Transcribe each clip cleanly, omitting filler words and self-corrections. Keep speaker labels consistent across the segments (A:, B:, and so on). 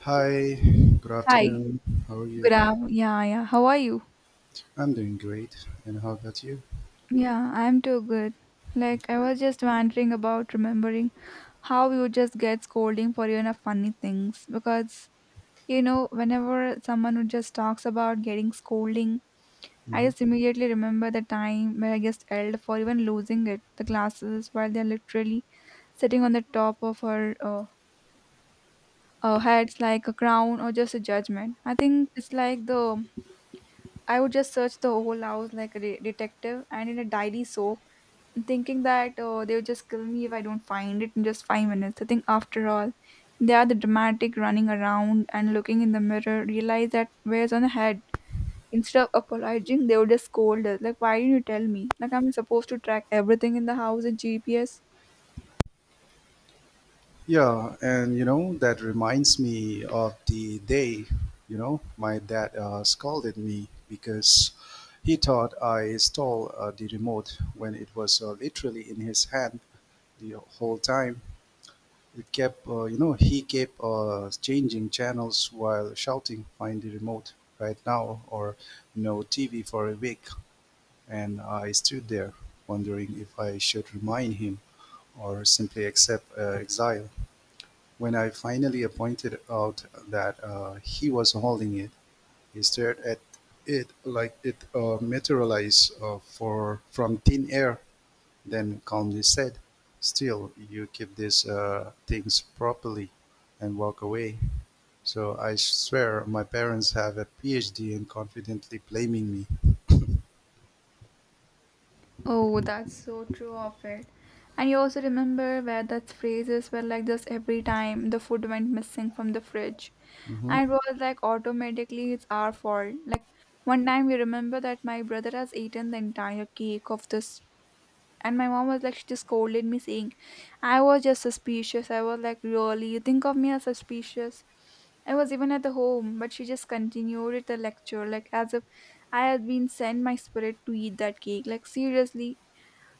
A: Hi, good
B: Hi,
A: afternoon. How are you?
B: yeah, yeah. How are you?
A: I'm doing great. And how about you?
B: Yeah, I'm too good. Like, I was just wondering about remembering how you just get scolding for funny things because whenever someone who just talks about getting scolding, I
A: hmm
B: just immediately remember the time where I just yelled for even losing it the glasses while they're literally sitting on the top of her heads like a crown or just a judgment. I think it's like the I would just search the whole house like a detective and in a diary soap thinking that, oh, they would just kill me if I don't find it in just 5 minutes. I think after all they are the dramatic running around and looking in the mirror, realize that where's on the head. Instead of apologizing they would just scold us like, why didn't you tell me, like I'm supposed to track everything in the house in GPS?
A: Yeah, and you know, that reminds me of the day, you know, my dad scolded me because he thought I stole the remote when it was literally in his hand the whole time. It kept, you know, he kept changing channels while shouting, find the remote right now, or no TV for a week. And I stood there, wondering if I should remind him or simply accept exile. When I finally pointed out that he was holding it, he stared at it like it materialized from thin air, then calmly said, "Still, you keep these things properly," and walk away. So I swear my parents have a PhD in confidently blaming me.
B: Oh, that's so true of it. And you also remember where that phrases were like this every time the food went missing from the fridge,
A: Mhm.
B: and it was like automatically it's our fault. Like, one time we remember that my brother has eaten the entire cake of this, and my mom was like, she just scolded me saying I was just suspicious. I was like, really, you think of me as suspicious. I was even at the home, but she just continued it the lecture, like as if I had been sent my spirit to eat that cake. Like, seriously,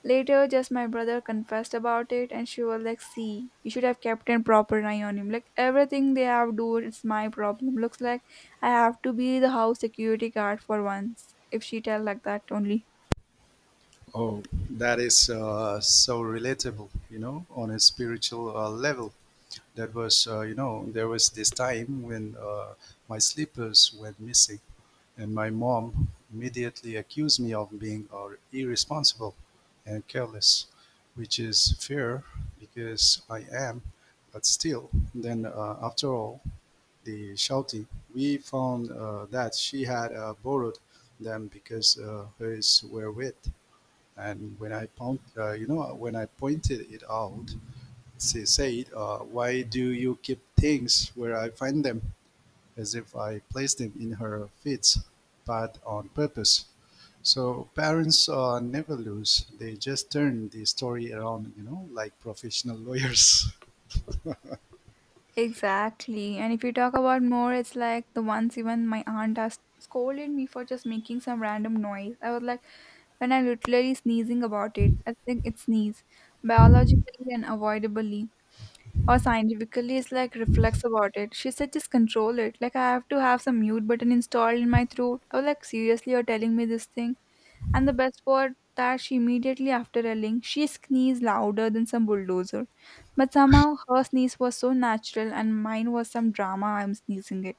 B: later, just my brother confessed about it, and she was like, "See, you should have kept a proper eye on him. Like everything they have do, it's my problem. Looks like I have to be the house security guard for once. If she tell like that only."
A: Oh, that is so relatable, you know, on a spiritual level. That was, you know, there was this time when my slippers went missing, and my mom immediately accused me of being irresponsible and careless, which is fair because I am. But still, then after all the shouting, we found that she had borrowed them because hers were wet. And you know, when I pointed it out, she said, "Why do you keep things where I find them?" As if I placed them in her feet, but on purpose. So parents never lose; they just turn the story around, you know, like professional lawyers.
B: Exactly. And if you talk about more, it's like the once even my aunt has scolded me for just making some random noise. I was like, when I literally sneezing about it, I think it's sneeze, biologically and avoidably, or scientifically is like reflects about it. She said, just control it. Like I have to have some mute button installed in my throat. I was like, seriously, you're telling me this thing? And the best part that she immediately after yelling, she sneezed louder than some bulldozer. But somehow her sneeze was so natural and mine was some drama I'm sneezing it.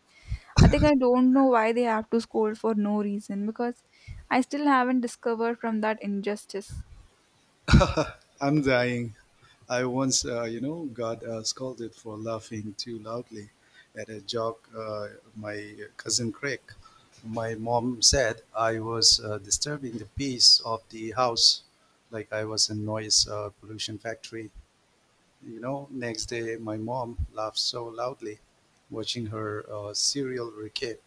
B: I think I don't know why they have to scold for no reason, because I still haven't discovered from that injustice.
A: I'm dying. I once, you know, got scolded for laughing too loudly at a joke my cousin cracked. My mom said I was disturbing the peace of the house, like I was a noise pollution factory. You know, next day my mom laughed so loudly, watching her serial recap,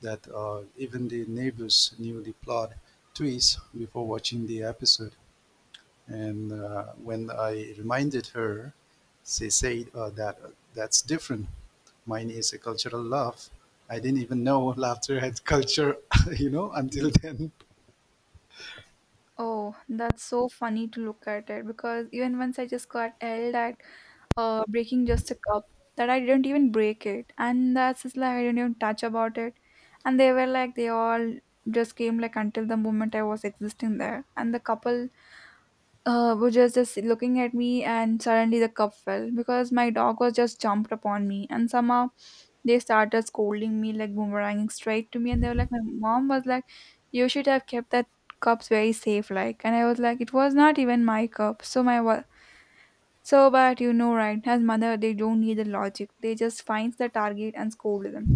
A: that even the neighbors knew the plot twist before watching the episode. And when I reminded her, she said that's different. Mine is a cultural laugh. I didn't even know laughter had culture, you know, until then.
B: Oh, that's so funny to look at it, because even once I just got yelled at breaking just a cup that I didn't even break it. And that's just like I didn't even touch about it. And they were like, they all just came like until the moment I was existing there. And the couple was just looking at me, and suddenly the cup fell because my dog was just jumped upon me. And somehow they started scolding me, like boomeranging straight to me. And they were like, my mom was like, you should have kept that cups very safe like. And I was like, it was not even my cup, so so, but you know, right, as mother, they don't need the logic. They just finds the target and scold them.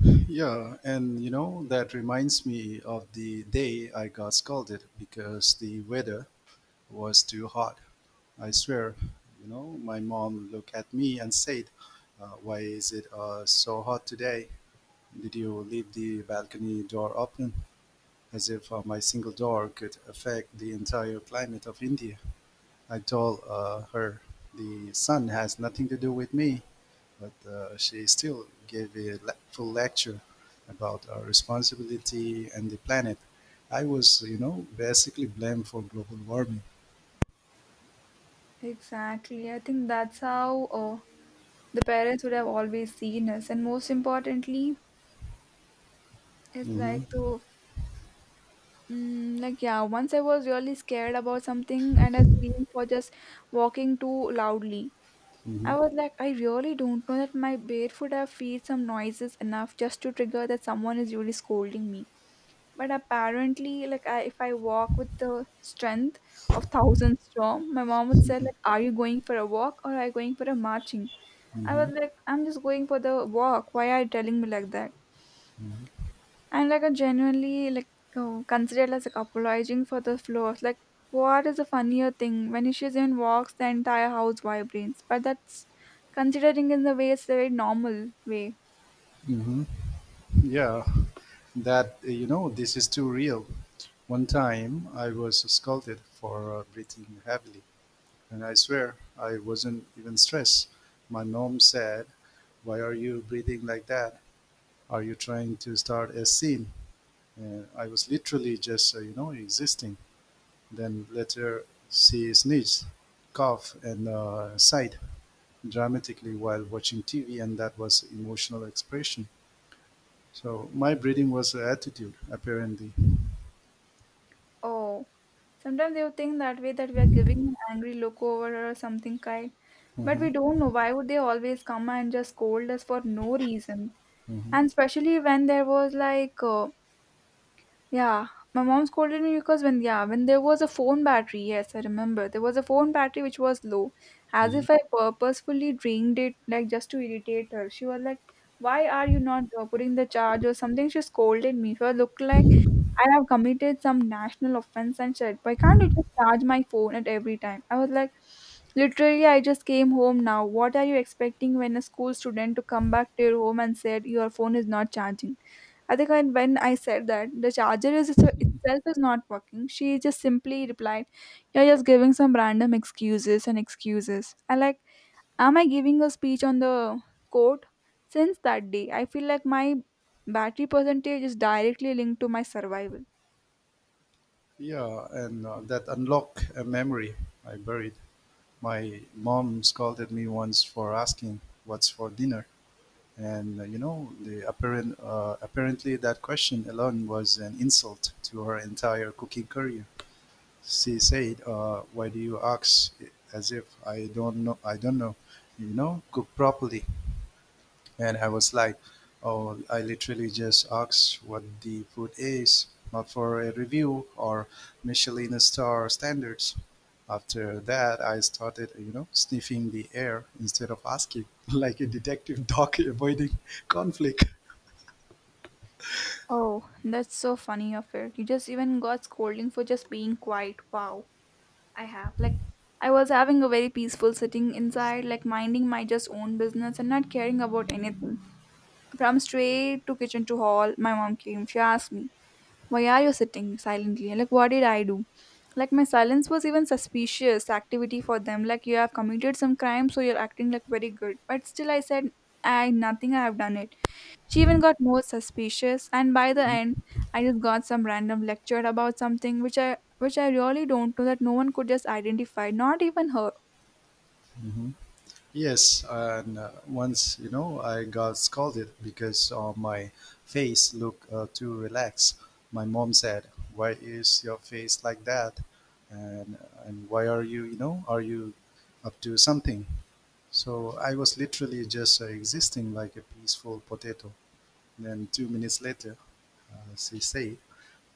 A: Yeah, and you know, that reminds me of the day I got scolded because the weather was too hot. I swear, you know, my mom looked at me and said, "Why is it so hot today? Did you leave the balcony door open?" As if my single door could affect the entire climate of India. I told her the sun has nothing to do with me, but she still gave full lecture about our responsibility and the planet. I was, you know, basically blamed for global warming.
B: Exactly. I think that's how the parents would have always seen us. And most importantly, it's like
A: hmm
B: like, yeah. Once I was really scared about something, and I screamed for just walking too loudly. I
A: hmm
B: was like, I really don't know that my barefoot have feet some noises enough just to trigger that someone is really scolding me. But apparently, like if I walk with the strength of thousand strong, my mom would say like, are you going for a walk or are you going for a marching? I
A: hmm
B: was like, I'm just going for the walk, why are you telling me like that? And like, I genuinely like considered as like apologizing for the floors. Like, what is a funnier thing when she even walks, the entire house vibrates, but that's considering in the way it's a very normal way.
A: hmm Yeah, that, you know, this is too real. One time I was scolded for breathing heavily. And I swear, I wasn't even stressed. My mom said, "Why are you breathing like that? Are you trying to start a scene?" And I was literally just, you know, existing. Then later, she sneezed, coughed, and sighed dramatically while watching TV, and that was emotional expression. So my breathing was a attitude, apparently.
B: Oh, sometimes they would think that way that we are giving an angry look over or something kind. But
A: hmm
B: we don't know why would they always come and just scold us for no reason.
A: hmm
B: And especially when there was like, yeah, my mom scolded me because when, yeah, when there was a phone battery, yes, I remember there was a phone battery which was low, as
A: hmm
B: if I purposefully drained it like just to irritate her. She was like, "Why are you not putting the charge or something?" She scolded me. She looked like I have committed some national offense and said, why can't you just charge my phone at every time? I was like, literally, I just came home now. What are you expecting when a school student to come back to your home and said your phone is not charging? I think when I said that, the charger is itself is not working. She just simply replied, you're just giving some random excuses and excuses. I like, am I giving a speech on the court? Since that day, I feel like my battery percentage is directly linked to my survival.
A: Yeah, and that unlocked a memory I buried. My mom scolded me once for asking what's for dinner. And you know, apparently that question alone was an insult to her entire cooking career. She said, "Why do you ask? As if I don't know. I don't know. You know, cook properly." And I was like, oh, I literally just asked what the food is, not for a review or Michelin star standards. After that, I started, you know, sniffing the air instead of asking, like a detective dog avoiding conflict.
B: Oh, that's so funny of it. You just even got scolding for just being quiet. Wow. I have. Like, I was having a very peaceful sitting inside, like minding my just own business and not caring about anything. From straight to kitchen to hall, my mom came. She asked me, why are you sitting silently? And, like, what did I do? Like, my silence was even suspicious activity for them. Like, you have committed some crime, so you're acting like very good. But still, I said, I nothing, I have done it. She even got more suspicious, and by the end, I just got some random lecture about something which I really don't know that no one could just identify, not even her.
A: Mhm. Yes, and once, you know, I got scolded because my face looked too relaxed. My mom said, "Why is your face like that? And and why are you, you know, are you up to something?" So I was literally just existing like a peaceful potato. Then 2 minutes later, she said,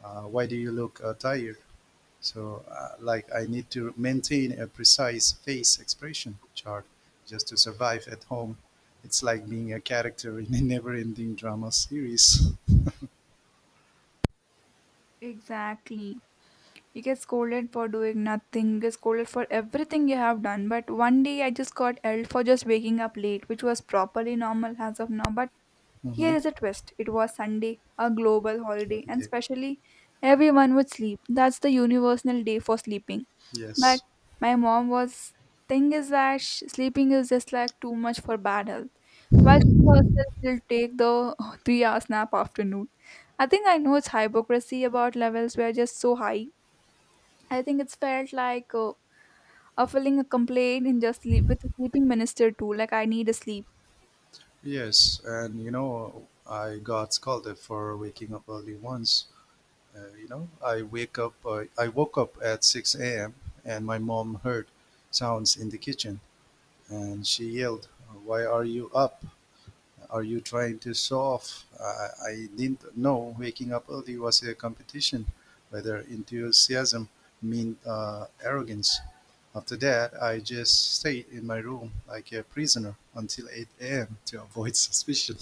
A: "Why do you look tired?" So like I need to maintain a precise face expression chart just to survive at home. It's like being a character in a never-ending drama series.
B: Exactly. You get scolded for doing nothing, you get scolded for everything you have done. But one day I just got yelled for just waking up late, which was properly normal as of now. But here
A: hmm
B: is a twist, it was Sunday, a global
A: What
B: holiday,
A: it
B: and
A: is.
B: specially everyone would sleep. That's the universal day for sleeping. But
A: Yes.
B: my mom was, thing is that sh sleeping is just like too much for bad health. While she herself will take the 3-hour nap afternoon. I think I know it's hypocrisy about levels were just so high. I think it's felt like a filling a complaint in just sleep with the sleeping minister too. Like, I need a sleep.
A: Yes. And you know, I got scolded for waking up early once. You know, I wake up. I woke up at 6 a.m. and my mom heard sounds in the kitchen, and she yelled, "Why are you up? Are you trying to solve?" I didn't know waking up early was a competition, whether enthusiasm meant arrogance. After that, I just stayed in my room like a prisoner until 8 a.m. to avoid suspicion.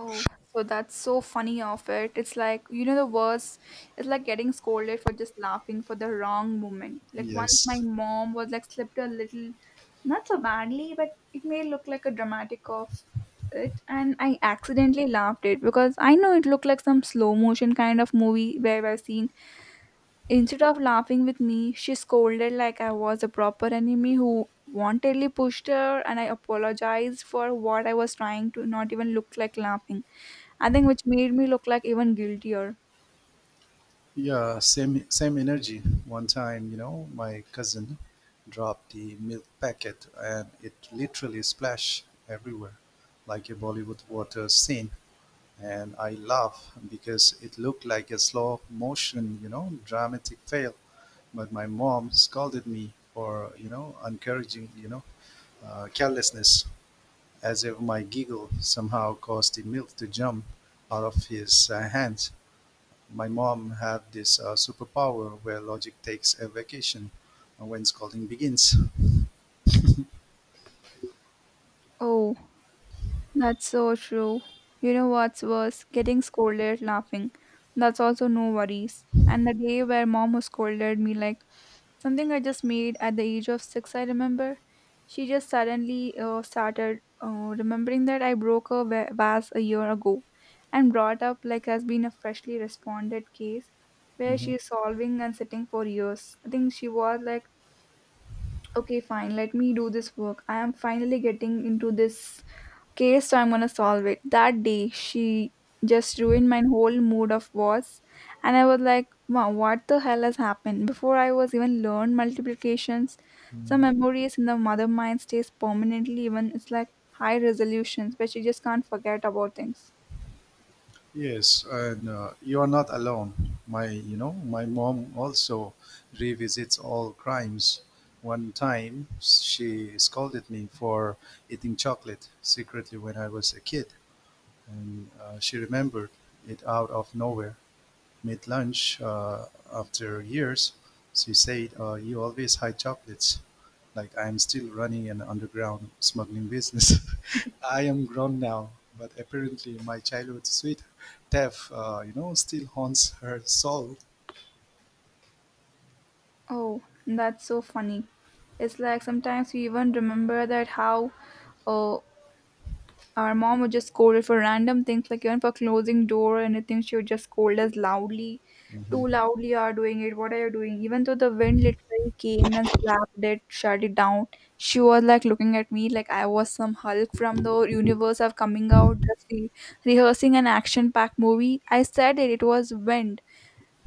B: Oh, so that's so funny of it. It's like, the worst, it's like getting scolded for just laughing for the wrong moment. Like, once my
A: Yes.
B: mom was like slipped a little, not so badly, but it may look like a dramatic of it. And I accidentally laughed it because I know it looked like some slow motion kind of movie where I've seen. Instead of laughing with me, she scolded like I was a proper enemy who wantedly pushed her, and I apologized for what I was trying to not even look like laughing. I think which made me look like even guiltier.
A: Yeah, same energy. One time, you know, my cousin dropped the milk packet and it literally splashed everywhere like a Bollywood water scene. And I laugh because it looked like a slow motion, you know, dramatic fail. But my mom scolded me for, you know, encouraging, you know, carelessness, as if my giggle somehow caused the milk to jump out of his hands. My mom had this superpower where logic takes a vacation when scolding begins.
B: Oh, that's so true. You know what's worse? Getting scolded laughing. That's also no worries. And the day where mom scolded me like something I just made at the age of six, I remember. She just suddenly started remembering that I broke a vase a year ago, and brought up like has been a freshly responded case where she
A: Mhm.
B: is solving and sitting for years. I think she was like, okay, fine, let me do this work. I am finally getting into this case, so I'm gonna solve it. That day, she just ruined my whole mood of was, and I was like, wow, what the hell has happened? Before I was even learned multiplications, some memories in the mother mind stays permanently. Even it's like high resolutions, but you just can't forget about things.
A: Yes, and you are not alone. My, you know, my mom also revisits all crimes. One time, she scolded me for eating chocolate secretly when I was a kid, and she remembered it out of nowhere mid lunch after years, she said, "You always hide chocolates." Like I am still running an underground smuggling business. I am grown now, but apparently my childhood sweet death, you know, still haunts her soul.
B: Oh, that's so funny. It's like sometimes we even remember that how uh, our mom would just scold us for random things, like even for closing door or anything, she would just scold us loudly. Too
A: hmm
B: loudly, are doing it, what are you doing? Even though the wind literally came and slapped it, shut it down, she was like looking at me like I was some Hulk from the universe of coming out, just rehearsing an action packed movie. I said it, it was wind.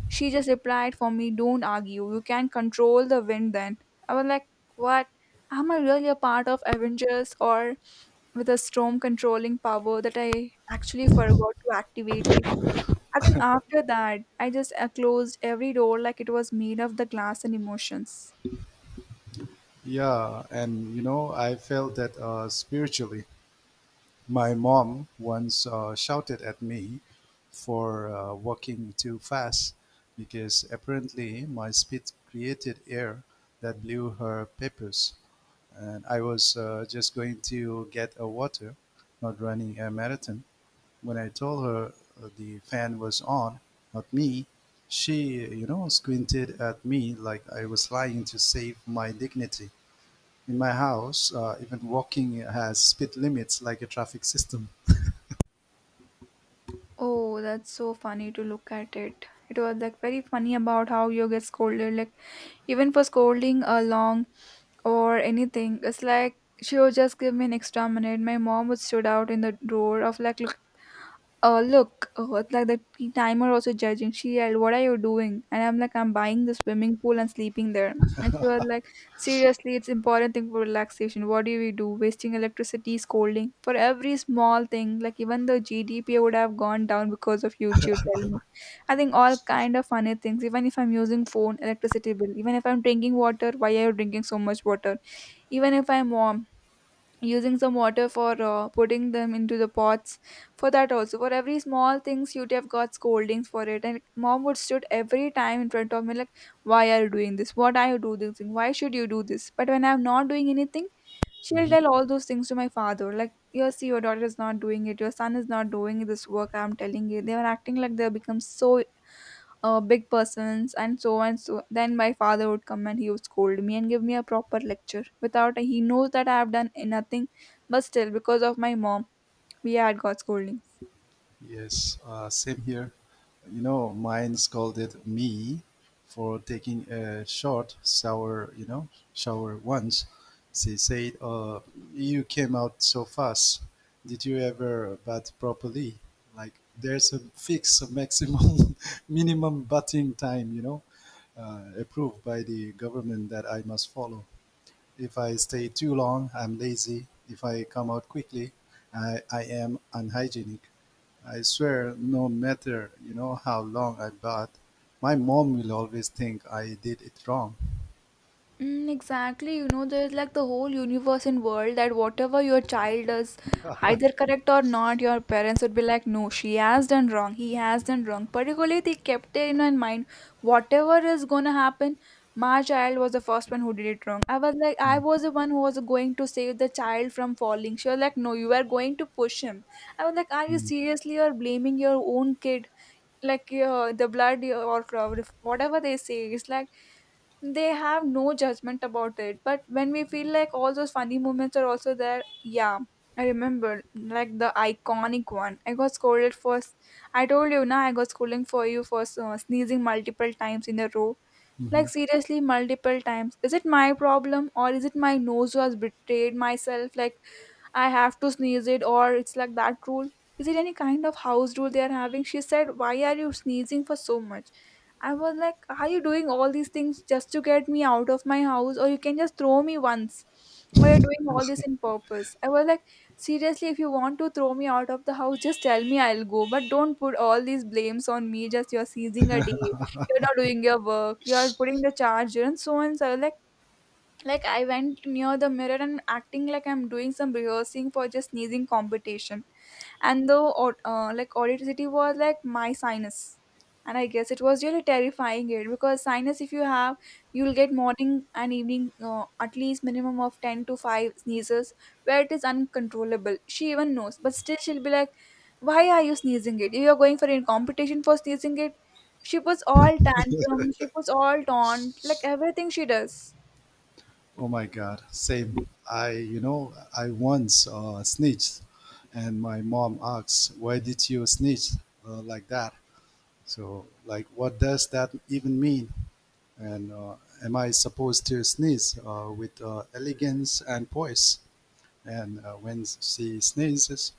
B: She just replied for me, don't argue. You can control the wind then. I was like, what? Am I really a part of Avengers or with a storm controlling power that I actually forgot to activate it? I think after that, I just closed every door like it was made of the glass and emotions.
A: Yeah, and you know, I felt that spiritually. My mom once shouted at me for walking too fast because apparently my speed created air that blew her papers. And I was just going to get a water, not running a marathon. When I told her the fan was on, not me, she, you know, squinted at me like I was lying to save my dignity. In my house, even walking has speed limits like a traffic system.
B: Oh, that's so funny to look at it. It was like very funny about how you get scolded. Like even for scolding a long or anything. It's like she would just give me an extra minute. My mom would stood out in the door of like, look, it's like the timer also judging. She yelled, "What are you doing?" And I'm like, "I'm buying the swimming pool and sleeping there." And she was like, "Seriously, it's important thing for relaxation. What do we do? Wasting electricity, scolding for every small thing. Like even the GDP would have gone down because of you." She would tell me. I think all kind of funny things. Even if I'm using phone, electricity bill. Even if I'm drinking water, why are you drinking so much water? Even if I'm warm using some water for putting them into the pots, for that also, for every small things you'd have got scoldings for it. And mom would stood every time in front of me like, why are you doing this, what are you doing this thing, why should you do this? But when I'm not doing anything, she'll
A: Mhm.
B: tell all those things to my father like, you see, your daughter is not doing it, your son is not doing this work, I'm telling you. They were acting like they become so big persons and so and so. Then my father would come and he would scold me and give me a proper lecture without he knows that I have done nothing. But still, because of my mom, we had got scolding.
A: Yes, same here. You know, mine scolded me for taking a short shower, once. She said, "You came out so fast. Did you ever bat properly?" Like, there's a fixed maximum, minimum batting time, you know, approved by the government that I must follow. If I stay too long, I'm lazy. If I come out quickly, I am unhygienic. I swear, no matter, you know, how long I bath, my mom will always think I did it wrong.
B: Mm, exactly. You know, there's like the whole universe and world that whatever your child does, either correct or not, your parents would be like, no, she has done wrong, he has done wrong. Particularly, they kept it in my mind, whatever is gonna happen, my child was the first one who did it wrong. I was like, I was the one who was going to save the child from falling. She was like, no, you are going to push him. I was like, are you seriously or blaming your own kid? Like the blood or whatever they say, it's like they have no judgment about it. But when we feel like, all those funny moments are also there. Yeah, I remember like the iconic one. I got scolded for I told you now, I got scolding for you for sneezing multiple times in a row. Like
A: Mhm.
B: seriously, multiple times, is it my problem or is it my nose was betrayed myself? Like, I have to sneeze it, or it's like that rule. Is it any kind of house rule they are having? She said, "Why are you sneezing for so much?" I was like, "Are you doing all these things just to get me out of my house, or you can just throw me once? Why are you doing all this in purpose?" I was like, "Seriously, if you want to throw me out of the house, just tell me I'll go, but don't put all these blames on me. Just you're seizing a day, you're not doing your work, you're putting the charger, and so on." So, like I went near the mirror and acting like I'm doing some rehearsing for just sneezing competition. And the like audacity was like my sinus. And I guess it was really terrifying it, because sinus, if you have, you'll get morning and evening at least minimum of 10 to 5 sneezes where it is uncontrollable. She even knows, but still she'll be like, why are you sneezing it? You're going for a competition for sneezing it. She puts all tantrum, she puts all taunt, like everything she does.
A: Oh my God, same. I, you know, I once snitched, and my mom asks, "Why did you snitch like that?" So, like, what does that even mean? And am I supposed to sneeze with elegance and poise? And when she sneezes,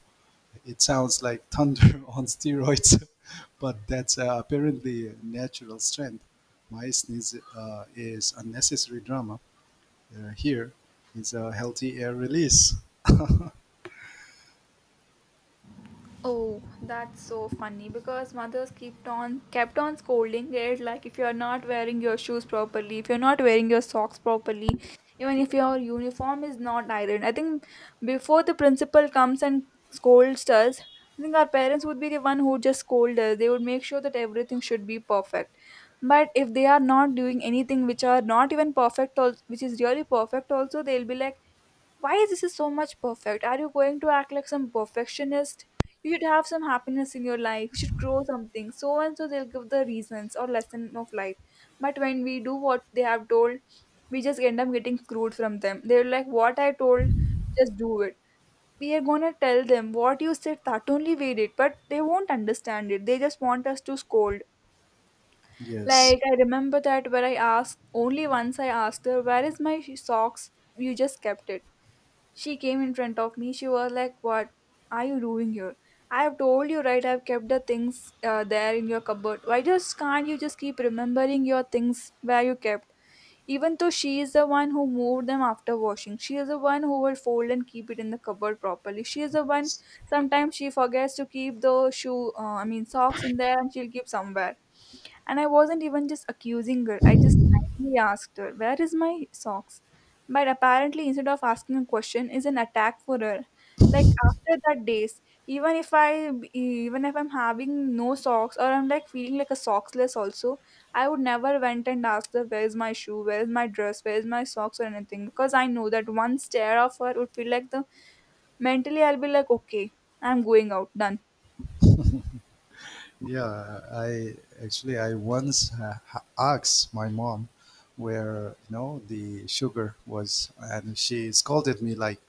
A: it sounds like thunder on steroids, but that's apparently natural strength. My sneeze is unnecessary drama. Here is a healthy air release.
B: Oh, that's so funny because mothers kept on scolding it like, if you're not wearing your shoes properly, if you're not wearing your socks properly, even if your uniform is not ironed. I think before the principal comes and scolds us, I think our parents would be the one who would just scold us. They would make sure that everything should be perfect. But if they are not doing anything which are not even perfect, which is really perfect, also they'll be like, "Why is this is so much perfect? Are you going to act like some perfectionist? You should have some happiness in your life, you should grow something," so and so. They'll give the reasons or lesson of life. But when we do what they have told, we just end up getting screwed from them. They're like, what I told, just do it. We are gonna tell them what you said, that only we did, but they won't understand it. They just want us to scold.
A: Yes.
B: Like I remember that where I asked only once, I asked her, where is my socks, you just kept it. She came in front of me. She was like, "What are you doing here? I have told you, right? I've kept the things there in your cupboard. Why just can't you just keep remembering your things where you kept?" Even though she is the one who moved them after washing, she is the one who will fold and keep it in the cupboard properly. She is the one. Sometimes she forgets to keep the shoe, I mean socks, in there, and she'll keep somewhere. And I wasn't even just accusing her. I just kindly asked her, "Where is my socks?" But apparently, instead of asking a question, is an attack for her. Like after that days, even if I'm having no socks or I'm like feeling like a socksless also, I would never went and asked her where's my shoe, where's my dress, where's my socks or anything, because I know that one stare of her would feel like the, mentally, I'll be like, okay, I'm going out, done.
A: Yeah, I I once asked my mom where you know the sugar was, and she scolded me like,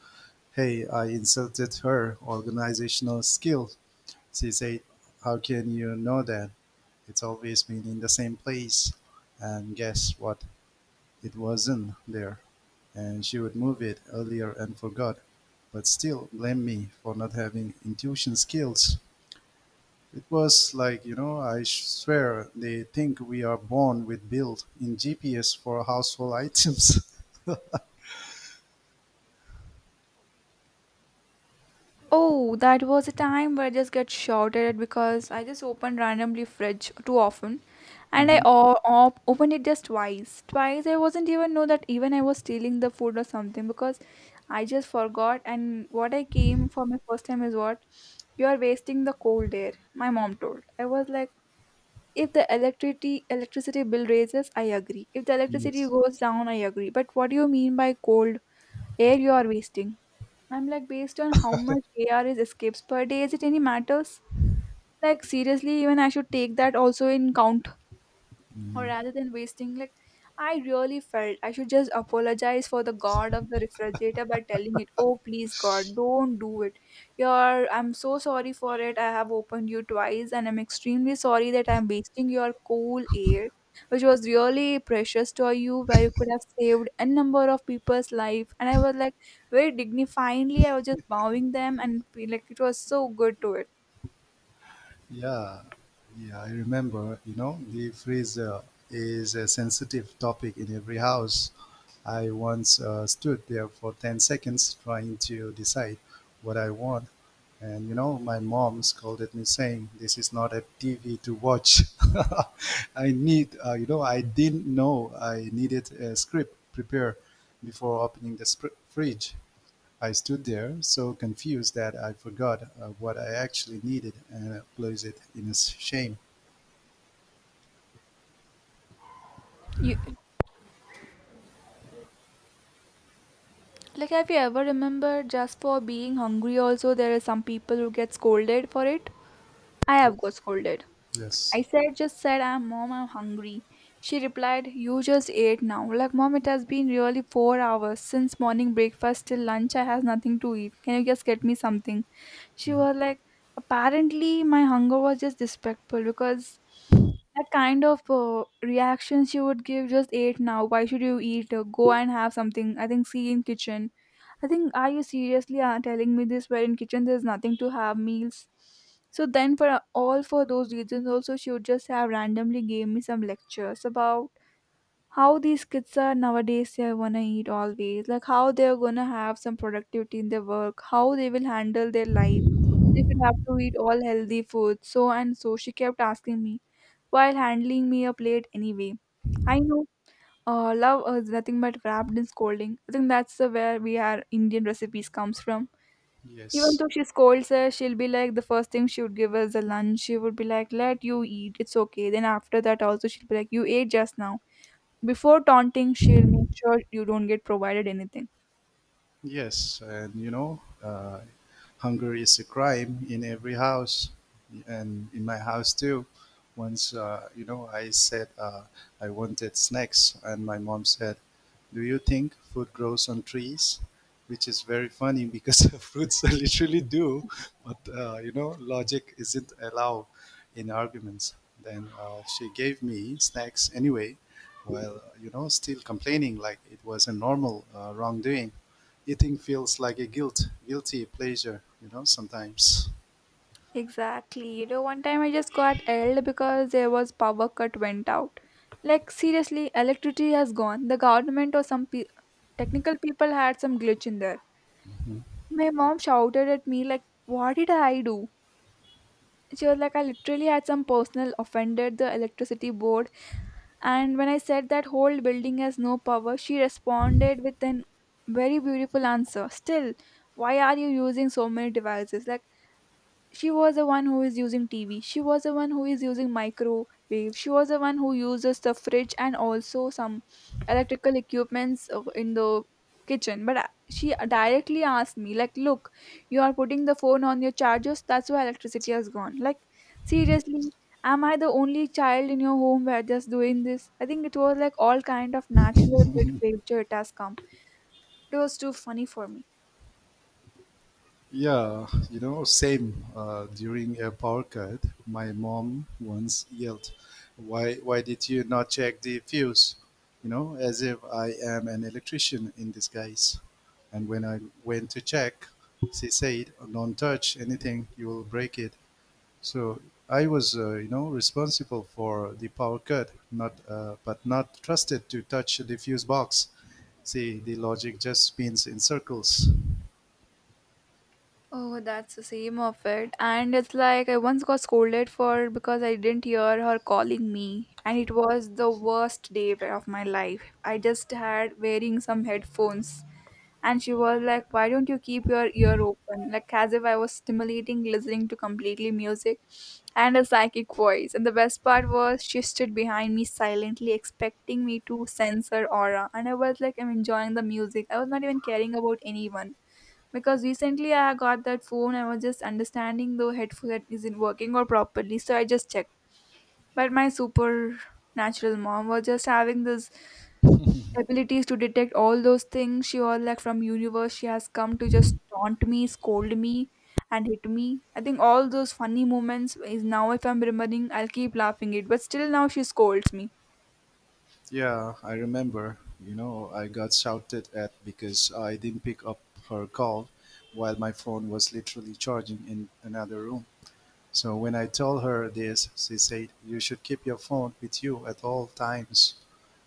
A: "Hey, I insulted her organizational skill." She said, "How can you know that? It's always been in the same place." And guess what? It wasn't there. And she would move it earlier and forgot. But still, blame me for not having intuition skills. It was like, you know, I swear they think we are born with built in GPS for household items.
B: Oh, that was a time where I just get shouted at because I just opened randomly fridge too often, and I
A: Mhm.
B: opened it just twice. Twice, I wasn't even know that even I was stealing the food or something, because I just forgot, and what I came for my first time is what, you are wasting the cold air, my mom told. I was like, if the electricity bill raises, I agree. If the electricity
A: Yes.
B: goes down, I agree. But what do you mean by cold air you are wasting? I'm like, based on how much AR is escapes per day, is it any matters? Like seriously, even I should take that also in count, or rather than wasting like, I really felt I should just apologize for the god of the refrigerator by telling it, oh, please god, don't do it, your, I'm so sorry for it, I have opened you twice and I'm extremely sorry that I'm wasting your cool air, which was really precious to you, where you could have saved a number of people's life. And I was like, very dignifiedly, I was just bowing them and feel like it was so good to it.
A: Yeah, yeah, I remember. You know, the freezer is a sensitive topic in every house. I once stood there for 10 seconds trying to decide what I want. And, you know, my mom scolded me saying, "This is not a TV to watch." I need, I didn't know I needed a script prepared before opening the fridge. I stood there, so confused that I forgot what I actually needed and placed it in shame.
B: You, like, have you ever remembered just for being hungry? Also, there are some people who get scolded for it. I have got
A: Yes.
B: scolded.
A: Yes.
B: I said, just said, "I'm mom, I'm hungry." She replied, "You just ate now." Like, mom, it has been really 4 hours since morning breakfast till lunch. I has nothing to eat. Can you just get me something? She was like, apparently, my hunger was just disrespectful, because that kind of reaction she would give, just ate now, why should you eat, uh, go and have something, I think, see in kitchen. I think, are you seriously telling me this, where in kitchen there's nothing to have meals? So then for all, for those reasons also, she would just have randomly gave me some lectures about how these kids are nowadays, they wanna eat always, like how they're gonna have some productivity in their work, how they will handle their life. They should have to eat all healthy food. So and so, she kept asking me while handling me a plate anyway. I know love is nothing but wrapped in scolding. I think that's the where we are Indian recipes comes from. Even
A: Yes.
B: though she scolds us, she'll be like, the first thing she would give us the lunch. She would be like, let you eat, it's okay. Then after that, also, she'll be like, you ate just now. Before taunting, she'll make sure you don't get provided anything.
A: Yes, and you know, hunger is a crime in every house, and in my house too. Once, you know, I said I wanted snacks, and my mom said, "Do you think food grows on trees?" Which is very funny because fruits literally do, but you know, logic isn't allowed in arguments. Then she gave me snacks anyway, while you know still complaining like it was a normal wrongdoing. Eating feels like a guilty pleasure, you know, sometimes.
B: Exactly. You know, one time I just got yelled because there was power cut went out. Like seriously, electricity has gone. The government or some technical people had some glitch in there.
A: Mhm.
B: My mom shouted at me like, "What did I do?" She was like, I literally had some personal offended the electricity board. And when I said that whole building has no power, she responded with an very beautiful answer still, why are you using so many devices? Like, she was the one who is using TV. She was the one who is using microwave. She was the one who uses the fridge and also some electrical equipments in the kitchen. But she directly asked me, like, look, you are putting the phone on your chargers. That's why electricity has gone. Like, seriously, am I the only child in your home where just doing this? I think it was like all kind of natural good feature it has come. It was too funny for me.
A: Yeah, you know, same. During a power cut, my mom once yelled, "Why did you not check the fuse?" You know, as if I am an electrician in disguise. And when I went to check, she said, "Don't touch anything; you will break it." So I was, responsible for the power cut, not but not trusted to touch the fuse box. See, the logic just spins in circles.
B: Oh, that's the same of it. And it's like I once got scolded for because I didn't hear her calling me, and it was the worst day of my life. I just had wearing some headphones, and she was like, "Why don't you keep your ear open?" Like as if I was stimulating listening to completely music and a psychic voice. And the best part was she stood behind me silently, expecting me to sense her aura, and I was like, "I'm enjoying the music. I was not even caring about anyone." Because recently I got that phone. I was just understanding the headset isn't working or properly, so I just checked. But my supernatural mom was just having this abilities to detect all those things. She was like from universe. She has come to just taunt me, scold me, and hit me. I think all those funny moments is now, if I'm remembering, I'll keep laughing it. But still now she scolds me.
A: Yeah, I remember. You know, I got shouted at because I didn't pick up her call while my phone was literally charging in another room. So when I told her this, she said, "You should keep your phone with you at all times,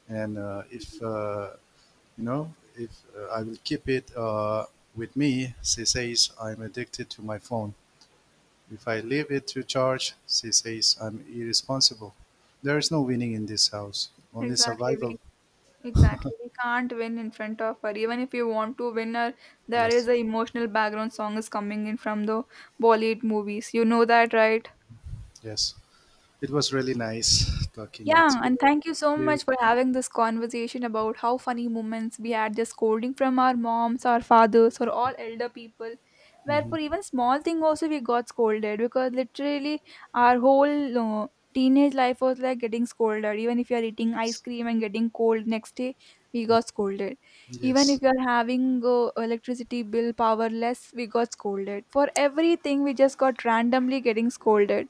A: and if you know, if I will keep it with me, she says I'm addicted to my phone. If I leave it to charge, she says I'm irresponsible." There is no winning in this house, only
B: Exactly. We
A: survival.
B: exactly we can't win in front of her. Even if you want to win her, there is
A: Yes,
B: a emotional background song is coming in from the Bollywood movies. You know that, right?
A: yes. It was really nice talking with
B: Yeah,
A: you.
B: and thank you
A: Thank
B: so
A: you.
B: much for having this conversation about how funny moments we had just scolding from our moms, our fathers, or all elder people. Where for
A: hmm
B: even small thing also we got scolded, because literally our whole uh, teenage life was like getting scolded. Even if you are eating ice
A: Yes,
B: cream and getting cold next day, we got scolded. Even if
A: yes,
B: you are having electricity bill powerless, we got scolded. For everything, we just got randomly getting scolded,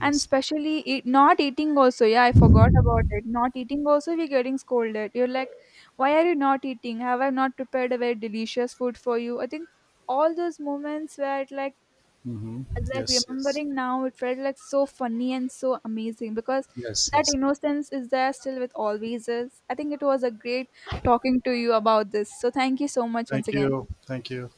B: and
A: yes.
B: especially eat, not eating also. Yeah, I forgot about it. Not eating also, we're getting scolded. You're like, why are you not eating? Have I not prepared a very delicious food for you? I think all those moments where it like
A: hmm
B: like
A: Yes, yes,
B: remembering now it felt like so funny and so amazing, because
A: yes,
B: that
A: yes.
B: innocence is there still with always is. I think it was a great talking to you about this, so thank you so much once
A: Thank
B: again.
A: you. Thank you.